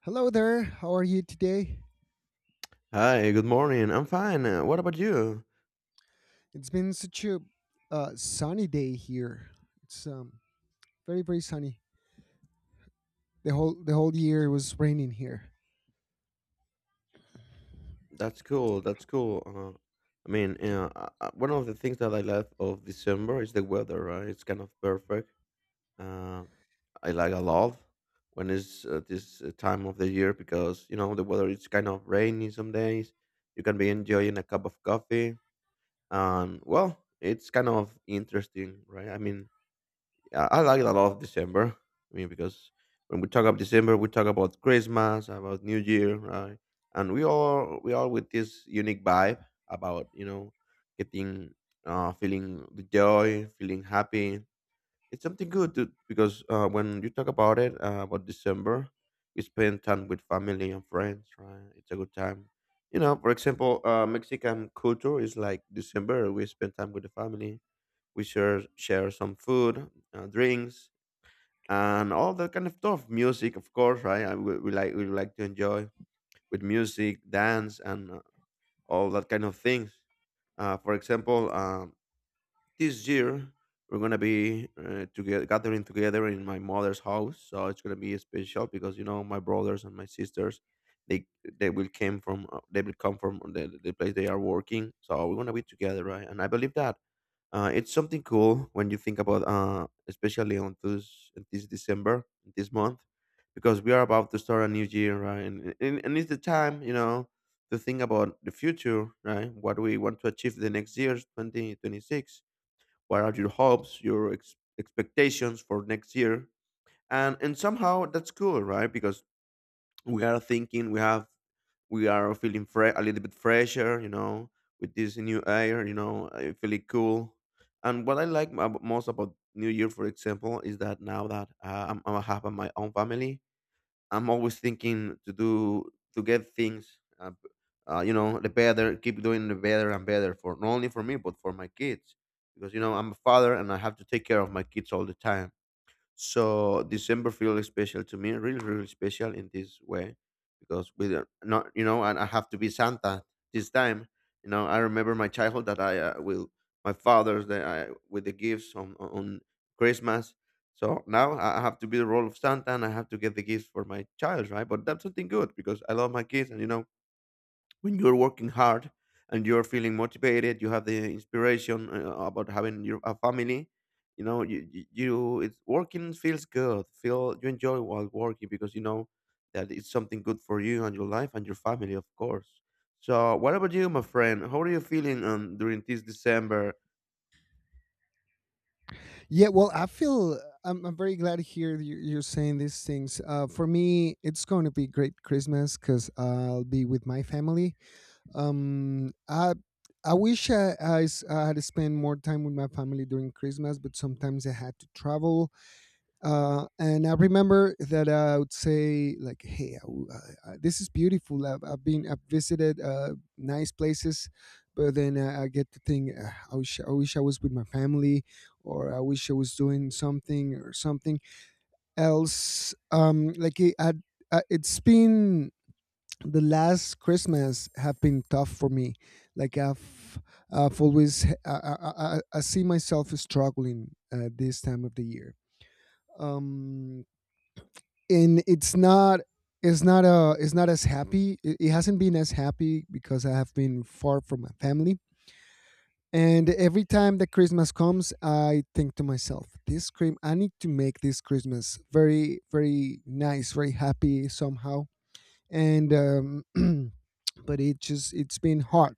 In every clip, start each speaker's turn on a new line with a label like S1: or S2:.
S1: Hello there. How are you today?
S2: Hi, good morning. I'm fine. What about you?
S1: It's been such a sunny day here. It's Very sunny. The whole year it was raining here.
S2: That's cool. That's cool. I mean, yeah, one of the things that I love of December is the weather, right? It's kind of perfect. Uh, I like a lot when it's this time of the year because, you know, the weather is kind of rainy some days. You can be enjoying a cup of coffee. And, well, it's kind of interesting, right? I mean, yeah, I like a lot of December. I mean, because when we talk about December, we talk about Christmas, about New Year, right? And we all with this unique vibe about getting feeling the joy, feeling happy. It's something good to, because when you talk about it about December, we spend time with family and friends, right? It's a good time. You know, for example, Mexican culture is like December. We spend time with the family, we share some food, drinks, and all that kind of stuff. Music, of course, right? I, we like to enjoy with music, dance, and all that kind of things. For example, this year we're gonna be together, gathering together in my mother's house. So it's gonna be special because you know my brothers and my sisters, they they will come from the place they are working. So we're gonna be together, right? And I believe that it's something cool when you think about, especially on this December, this month, because we are about to start a new year, right? And it's the time, you know, to think about the future, right? What we want to achieve the next year, 2026. What are your hopes, your expectations for next year? And somehow that's cool, right? Because we are thinking, we are feeling a little bit fresher, with this new air. I feel it cool. And what I like most about New Year, for example, is that now that I'm having my own family, I'm always thinking to get things, you know, the better, keep doing the better and better, for not only for me but for my kids. Because you know I'm a father, and I have to take care of my kids all the time. So December feels special to me, really, really special in this way, because we don't, not you know, and I have to be Santa this time. You know, I remember my childhood that I will, my father's that I with the gifts on Christmas. So now I have to be the role of Santa, and I have to get the gifts for my child, right? But that's something good because I love my kids. And you know, when you're working hard and you're feeling motivated, you have the inspiration about having your a family. You know, it's working, feels good, feel you enjoy while working, because you know that it's something good for you and your life and your family, of course. So what about you, my friend? How are you feeling during this December?
S1: Yeah. Well, I feel I'm very glad to hear that you're saying these things. For me, it's going to be great Christmas because I'll be with my family. Um, I I wish I had to spend more time with my family during Christmas, but sometimes I had to travel. And I remember that I would say like, "Hey, I w- I- this is beautiful. I've visited nice places, but then I get to think, "Ah, I wish I was with my family, or I wish I was doing something or something else." It's been the last Christmas have been tough for me. Like I've always, I see myself struggling this time of the year. Um, and it's not as happy. It hasn't been as happy because I have been far from my family, and every time that Christmas comes, I think to myself, this cream I need to make this Christmas very nice, very happy somehow. And but it's been hard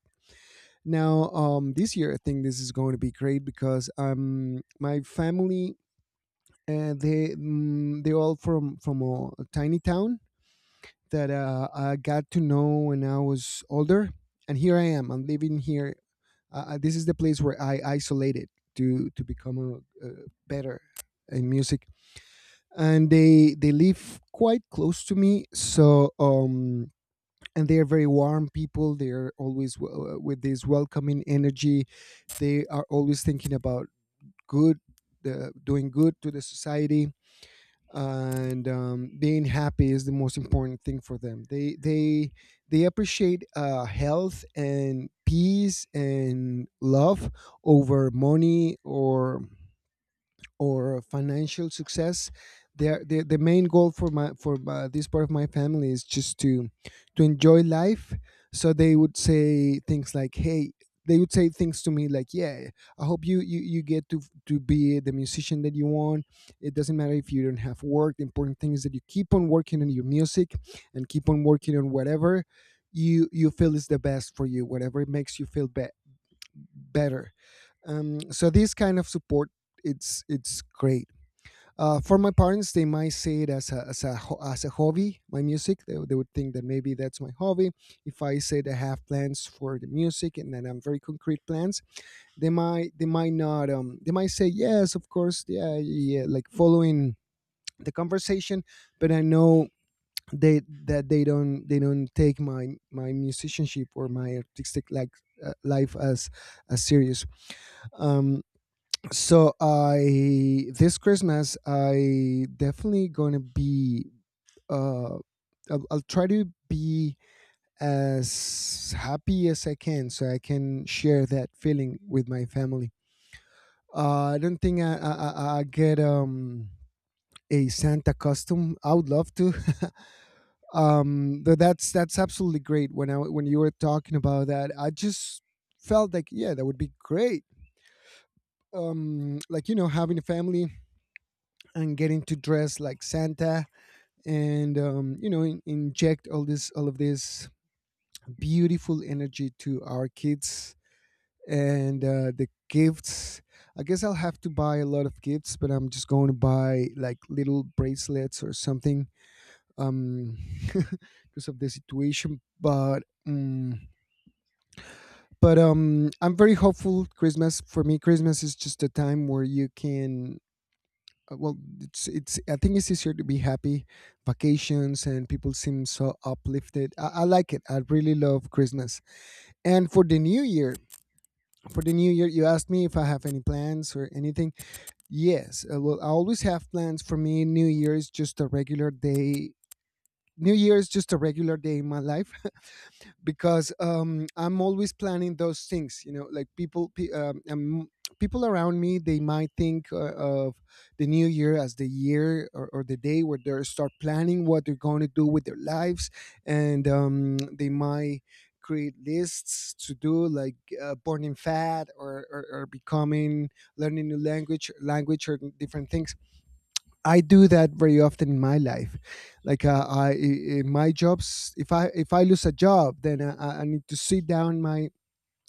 S1: now. This year, I think this is going to be great, because my family, they're all from a tiny town that I got to know when I was older. And here I am. I'm living here. This is the place where I isolated to become a, better in music. And they live quite close to me. And they are very warm people. They are always with this welcoming energy. They are always thinking about good, doing good to the society, and being happy is the most important thing for them. They appreciate health and peace and love over money or financial success. The main goal for my for this part of my family is just to enjoy life. So they would say things like, hey, they would say things to me like, yeah, I hope you get to be the musician that you want. It doesn't matter if you don't have work. The important thing is that you keep on working on your music and keep on working on whatever you feel is the best for you, whatever makes you feel better. So this kind of support, it's great. For my parents, they might see it as a, as a hobby. My music, they would think that maybe that's my hobby. If I say that I have plans for the music, and then I'm very concrete plans, they might not they might say, yes, of course, yeah, yeah, like following the conversation. But I know they that they don't take my my musicianship or my artistic, like, life as serious. Um, so I, this Christmas I definitely gonna be, uh I'll try to be as happy as I can so I can share that feeling with my family. I don't think I get a Santa costume. I would love to. But that's absolutely great. When you were talking about that, I just felt like, yeah, that would be great. Like, you know, having a family and getting to dress like Santa, and you know, inject all of this beautiful energy to our kids, and the gifts. I guess I'll have to buy a lot of gifts, but I'm just going to buy like little bracelets or something. um because of the situation. But mm, I'm very hopeful. Christmas, for me, Christmas is just a time where you can, it's, I think it's easier to be happy. Vacations, and people seem so uplifted. I like it. I really love Christmas. And for the new year, for the new year, you asked me if I have any plans or anything. Yes, well, I always have plans. For me, new year is just a regular day. New year is just a regular day in my life, because I'm always planning those things. You know, like people around me, they might think of the new year as the year, or the day where they start planning what they're going to do with their lives, and they might create lists to do, like, burning fat, or becoming, learning new language, or different things. I do that very often in my life. Like, in my jobs, if I lose a job, then I need to sit down in my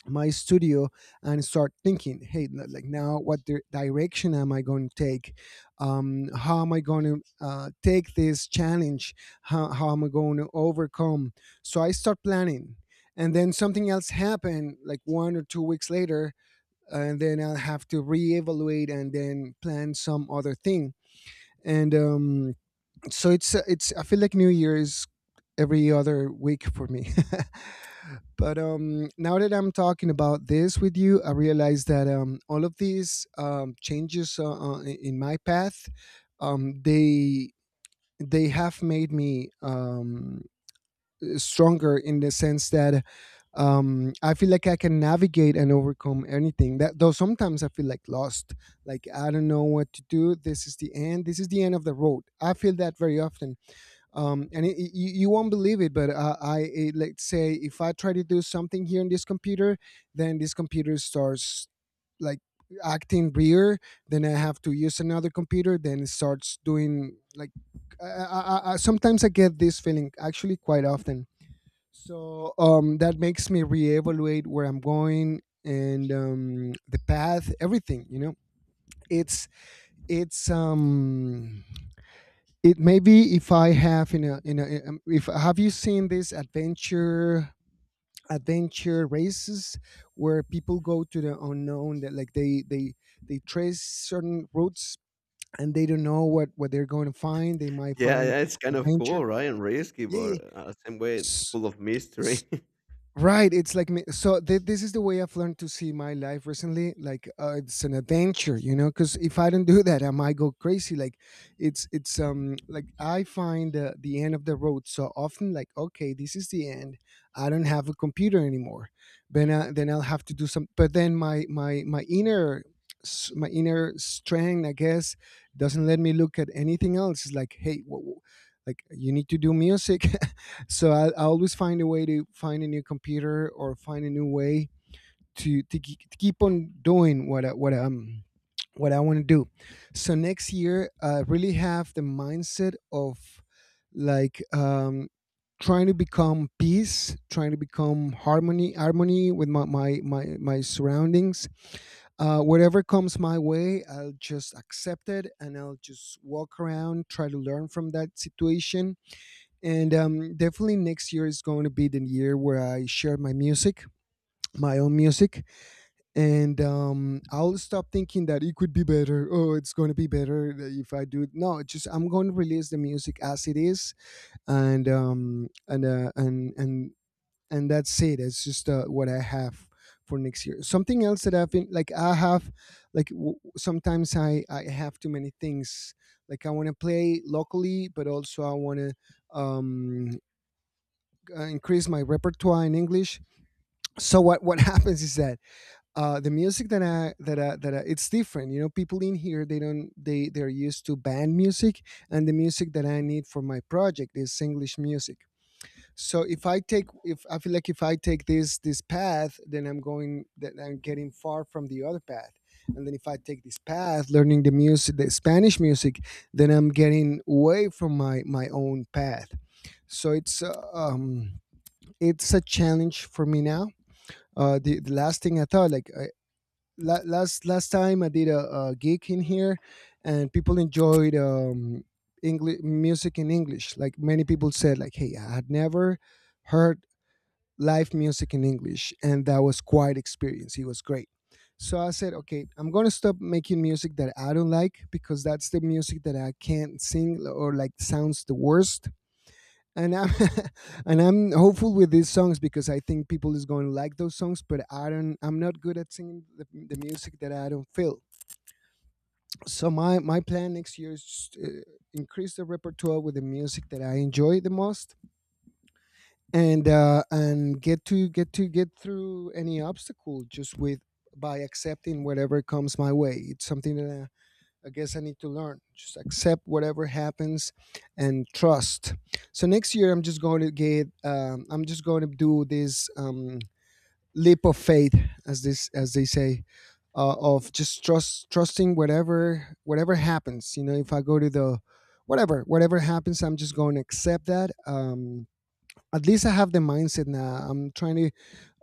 S1: studio and start thinking, hey, like, now, what direction am I going to take? How am I going to take this challenge? How am I going to overcome? So I start planning, and then something else happened, like 1 or 2 weeks later, and then I'll have to reevaluate and then plan some other thing. And so It's it's, I feel like new year is every other week for me. But now that I'm talking about this with you, I realize that all of these changes in my path, um they they have made me stronger in the sense that I feel like I can navigate and overcome anything. That, though, sometimes I feel like lost, like I don't know what to do. This is the end. This is the end of the road. I feel that very often. And you won't believe it, but let's say if I try to do something here in this computer, then this computer starts, like, acting weird. Then I have to use another computer, then it starts doing, like, I, I, sometimes I get this feeling, actually quite often. So that makes me reevaluate where I'm going, and the path, everything, you know. it's it's um it maybe, if I have in a if, have you seen these adventure races where people go to the unknown? That, like, they they trace certain routes, and they don't know what they're going to find. They might
S2: Yeah,
S1: find
S2: yeah, it's kind of
S1: adventure.
S2: cool, right? And risky,
S1: Yeah,
S2: but
S1: yeah.
S2: same way,
S1: S-
S2: full of mystery.
S1: Right. It's like me. So, this is the way I've learned to see my life recently. Like, it's an adventure, you know, because if I don't do that, I might go crazy. Like, it's like, I find the end of the road so often. Like, okay, this is the end. I don't have a computer anymore. Then I'll have to do some. But then my inner, my inner strength, I guess, doesn't let me look at anything else. It's like, hey, like, you need to do music. So I always find a way to find a new computer, or find a new way to to keep on doing what I want to do. So next year, I really have the mindset of, like, trying to become peace, trying to become harmony with my surroundings. Whatever comes my way, I'll just accept it, and I'll just walk around, try to learn from that situation, and definitely next year is going to be the year where I share my music, my own music, and I'll stop thinking that it could be better. Oh, it's going to be better if I do it. No, it's just, I'm going to release the music as it is, and and that's it. It's just what I have for next year. Something else that I've been, like, I have, like, sometimes I have too many things. Like, I want to play locally, but also I want to um increase my repertoire in English. So what happens is that the music that I, it's different. You know, people in here, they don't they they're used to band music, and the music that I need for my project is English music. So if I take, if I take this this path, then I'm going, that I'm getting far from the other path. And then if I take this path, learning the music, the Spanish music, then I'm getting away from my own path. So it's it's a challenge for me now. The last thing I thought, like I, last time I did a gig in here, and people enjoyed English music in English. Like many people said, like, hey, I had never heard live music in English, and that was quite experience. It was great. So I said, okay, I'm gonna stop making music that I don't like because that's the music that I can't sing or like sounds the worst and I'm and I'm hopeful with these songs because I think people is going to like those songs. But I don't. I'm not good at singing the music that I don't feel. So my plan next year is just, increase the repertoire with the music that I enjoy the most, and get through any obstacle just with by accepting whatever comes my way. It's something that I guess I need to learn. Just accept whatever happens and trust. So next year, I'm just going to get. I'm just going to do this leap of faith, as they say, of just trusting whatever happens. You know, if I go to the whatever happens, I'm just going to accept that. At least I have the mindset now. I'm trying to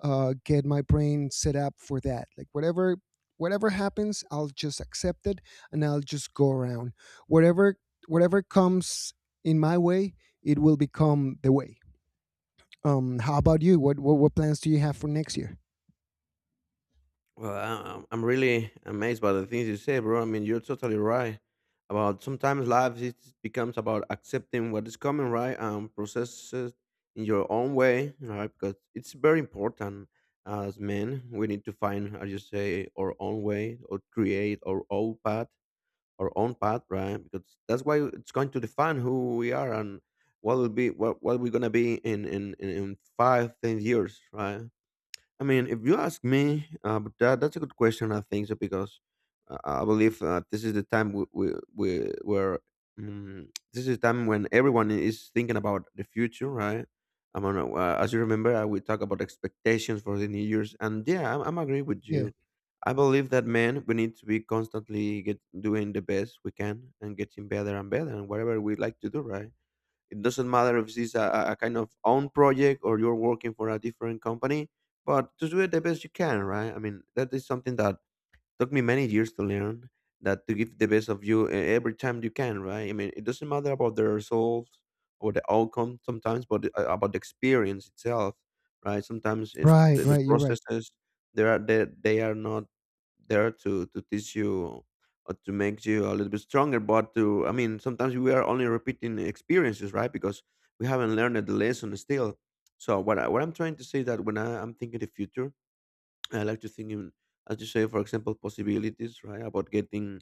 S1: get my brain set up for that. Like whatever happens, I'll just accept it and I'll just go around. Whatever whatever comes in my way, it will become the way. How about you? What plans do you have for next year?
S2: Well, I'm really amazed by the things you say, bro. I mean, you're totally right about sometimes life, it becomes about accepting what is coming, right, and process it in your own way, right? Because it's very important as men. We need to find, as you say, our own way or create our own path, right? Because that's why it's going to define who we are and what we're gonna be in 5, 10 years, right? I mean, if you ask me, but that's a good question. I think so because I believe, this is the time, we where this is time when everyone is thinking about the future, right? I mean, as you remember, we talk about expectations for the New Year's, and yeah, I'm agree with
S1: Yeah.
S2: you. I believe that, man, we need to be constantly get doing the best we can and getting better and better and whatever we like to do, right? It doesn't matter if this is a kind of own project or you're working for a different company, but just do it the best you can, right? I mean, that is something that took me many years to learn, that to give the best of you every time you can, right? I mean, it doesn't matter about the results or the outcome sometimes, but about the experience itself, right? Sometimes
S1: Right,
S2: the
S1: right. You're right.
S2: processes, they are not there to teach you or to make you a little bit stronger, but to, I mean, sometimes we are only repeating experiences, right? Because we haven't learned the lesson still. So what I'm trying to say, that when I'm thinking the future, I like to think in, as you say, for example, possibilities, right? About getting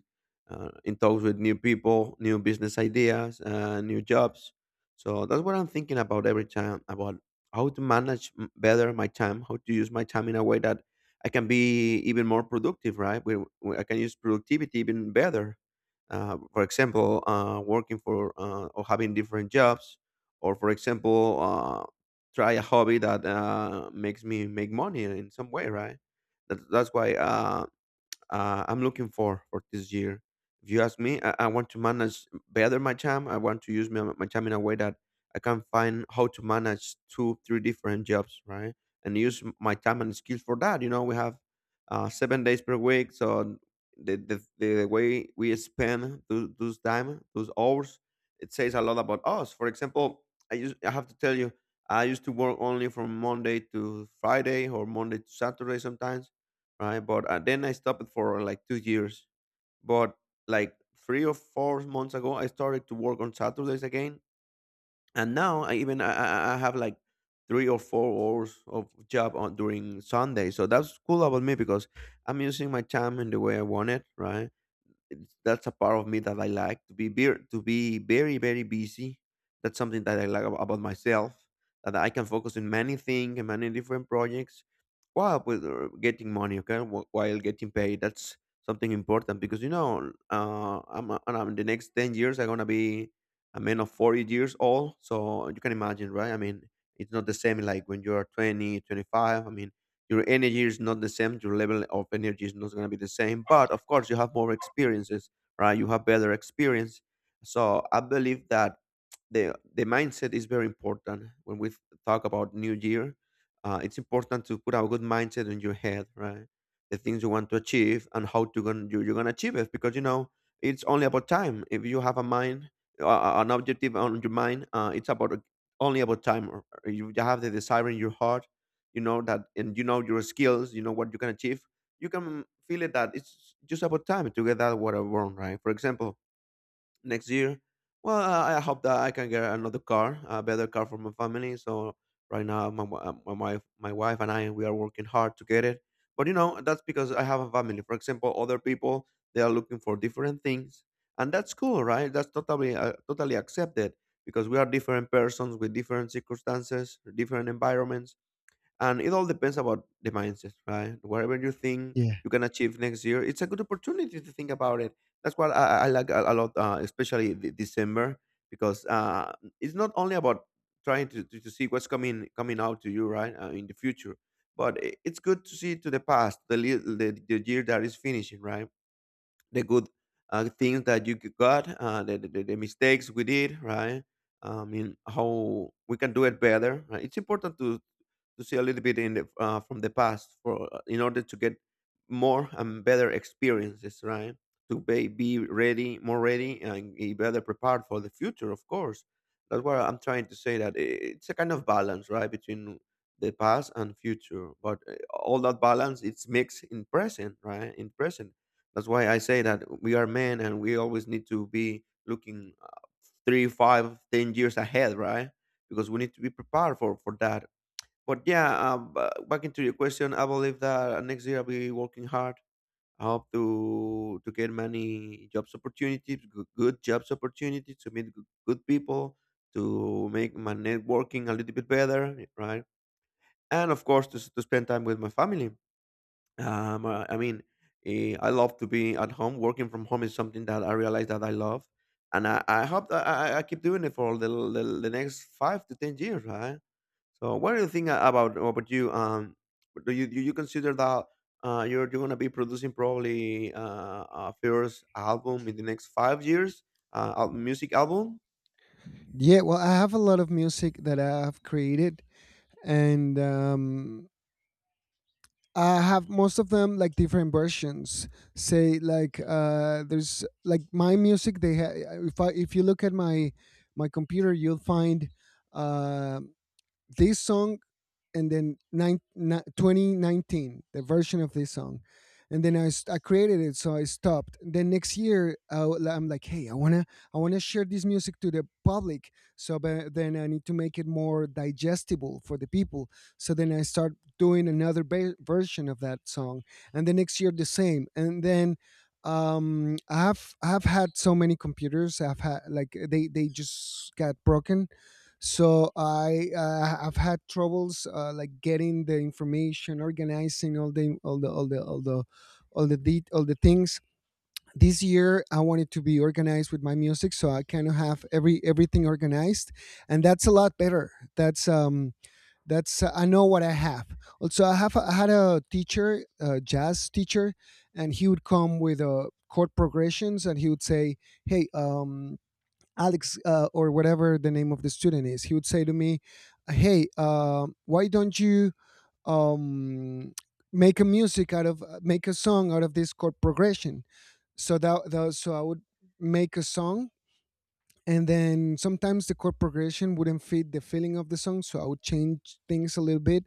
S2: in talks with new people, new business ideas, new jobs. So that's what I'm thinking about every time, about how to manage better my time, how to use my time in a way that I can be even more productive, right? Where I can use productivity even better. For example, working for or having different jobs, or for example, try a hobby that makes me make money in some way, right? That's why, I'm looking for this year. If you ask me, I want to manage better my time. I want to use my time in a way that I can find how to manage two, three different jobs, right? And use my time and skills for that. You know, we have 7 days per week, so the way we spend those time, those hours, it says a lot about us. For example, I have to tell you, I used to work only from Monday to Friday or Monday to Saturday sometimes, right? But then I stopped for like 2 years. But like 3 or 4 months ago, I started to work on Saturdays again, and now I even I have like 3 or 4 hours of job on during Sunday. So that's cool about me because I'm using my time in the way I want it, right? That's a part of me that I like to be very, very busy. That's something that I like about myself, that I can focus on many things and many different projects, while with getting money, okay, while getting paid. That's something important because, I'm, a- and I'm, the next 10 years I'm gonna be a man of 40 years old, so you can imagine, right? I mean, it's not the same like when you're 20, 25. I mean, your energy is not the same, your level of energy is not going to be the same, but of course you have more experiences, right? You have better experience. So I believe that the mindset is very important when we talk about new year. It's important to put a good mindset in your head, right? The things you want to achieve and how to gonna, you, you're going to achieve it, because it's only about time. If you have a mind, an objective on your mind, it's about only about time. Or you have the desire in your heart. You know that, and you know your skills, you know what you can achieve. You can feel it that it's just about time to get that what I want, right? For example, next year, well, I hope that I can get another car, a better car for my family. So right now my wife and I, we are working hard to get it. But, that's because I have a family. For example, other people, they are looking for different things. And that's cool, right? That's totally accepted, because we are different persons with different circumstances, different environments, and it all depends about the mindset, right? Whatever you think
S1: Yeah.
S2: you can achieve next year, it's a good opportunity to think about it. That's what I like a lot, especially the December, because it's not only about trying to see what's coming out to you, right, in the future, but it's good to see to the past, the, li- the year that is finishing, right? The good, things that you got, the mistakes we did, right? I mean, how we can do it better, right? It's important to see a little bit in from the past for in order to get more and better experiences, right? To be ready more ready, and be better prepared for the future, of course. That's what I'm trying to say, that it's a kind of balance, right, between the past and future. But all that balance, it's mixed in present, right? In present. That's why I say that we are men, and we always need to be looking, 3, 5, 10 years ahead, right? Because we need to be prepared for that. But yeah, back into your question, I believe that next year I'll be working hard. I hope to get many jobs opportunities, good jobs opportunities, to meet good people, to make my networking a little bit better, right? And of course, to spend time with my family. I mean, I love to be at home. Working from home is something that I realize that I love, and I hope that I keep doing it for the next 5 to 10 years, right? So, what do you think about you? Do you consider that you're gonna be producing probably a first album in the next 5 years, a music album?
S1: Yeah. Well, I have a lot of music that I've created, and I have most of them like different versions. Say like there's like my music. They ha- if I if you look at my computer, you'll find uh, this song and then the version of this song and then I created it, so I stopped. Then next year I am like, hey, I want to share this music to the public. So but then I need to make it more digestible for the people, so then I start doing another version of that song and the next year the same. And then um, I've had so many computers. I've had like they just got broken, so I've had troubles like getting the information, organizing all the all the all the things. This year I wanted to be organized with my music, so I kind of have everything organized, and that's a lot better. That's I know what I have. Also, I have I had a teacher, a jazz teacher, and he would come with chord progressions and he would say, hey, um, Alex, or whatever the name of the student is, he would say to me, "Hey, why don't you um, make a song out of this chord progression?" So that, that so I would make a song, and then sometimes the chord progression wouldn't fit the feeling of the song, so I would change things a little bit.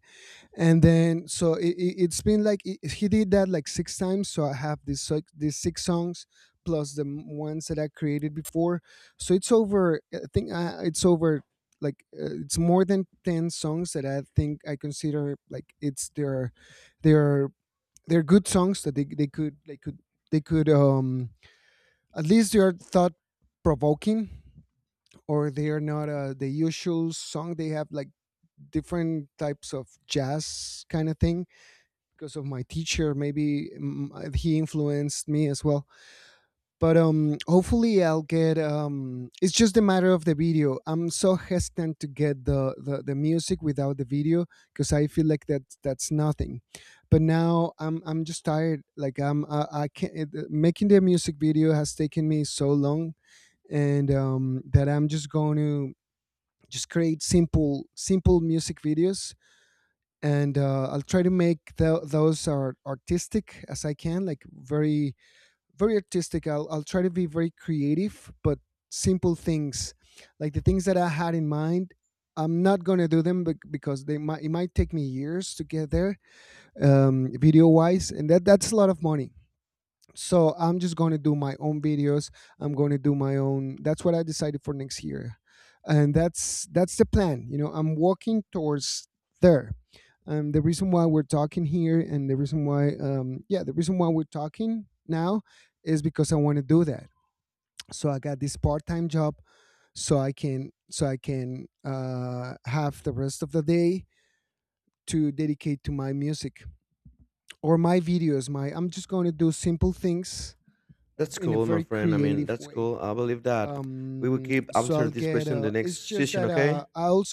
S1: And then so it's been like, I he did that like six times, so I have this like these six songs plus the ones that I created before. So it's over, I think. It's over like, it's more than 10 songs that I think I consider like it's their, they're they're good songs that they could at least they are thought provoking or they are not the usual song. They have like different types of jazz kind of thing, because of my teacher. Maybe he influenced me as well. But hopefully I'll get. It's just a matter of the video. I'm so hesitant to get the music without the video because I feel like that's nothing. But now I'm just tired. Like I can't it, making the music video has taken me so long, and that I'm just going to just create simple music videos, and I'll try to make those are artistic as I can, like very very artistic. I'll try to be very creative, but simple things, like the things that I had in mind. I'm not gonna do them bec- because they might it might take me years to get there, video wise, and that's a lot of money. So I'm just going to do my own videos. I'm going to do my own. That's what I decided for next year, and that's the plan. You know, I'm walking towards there. Um, the reason why we're talking here and the reason why we're talking now is because I want to do that. So I got this part-time job, so I can have the rest of the day to dedicate to my music or my videos. My I'm just going to do simple things
S2: That's
S1: in a
S2: cool, my
S1: very
S2: friend. I mean,
S1: creative
S2: that's
S1: way.
S2: cool. I believe that we will
S1: Um,
S2: keep
S1: so
S2: answer
S1: I'll
S2: this
S1: get.
S2: question the
S1: It's
S2: next
S1: just
S2: session,
S1: that,
S2: okay?
S1: I also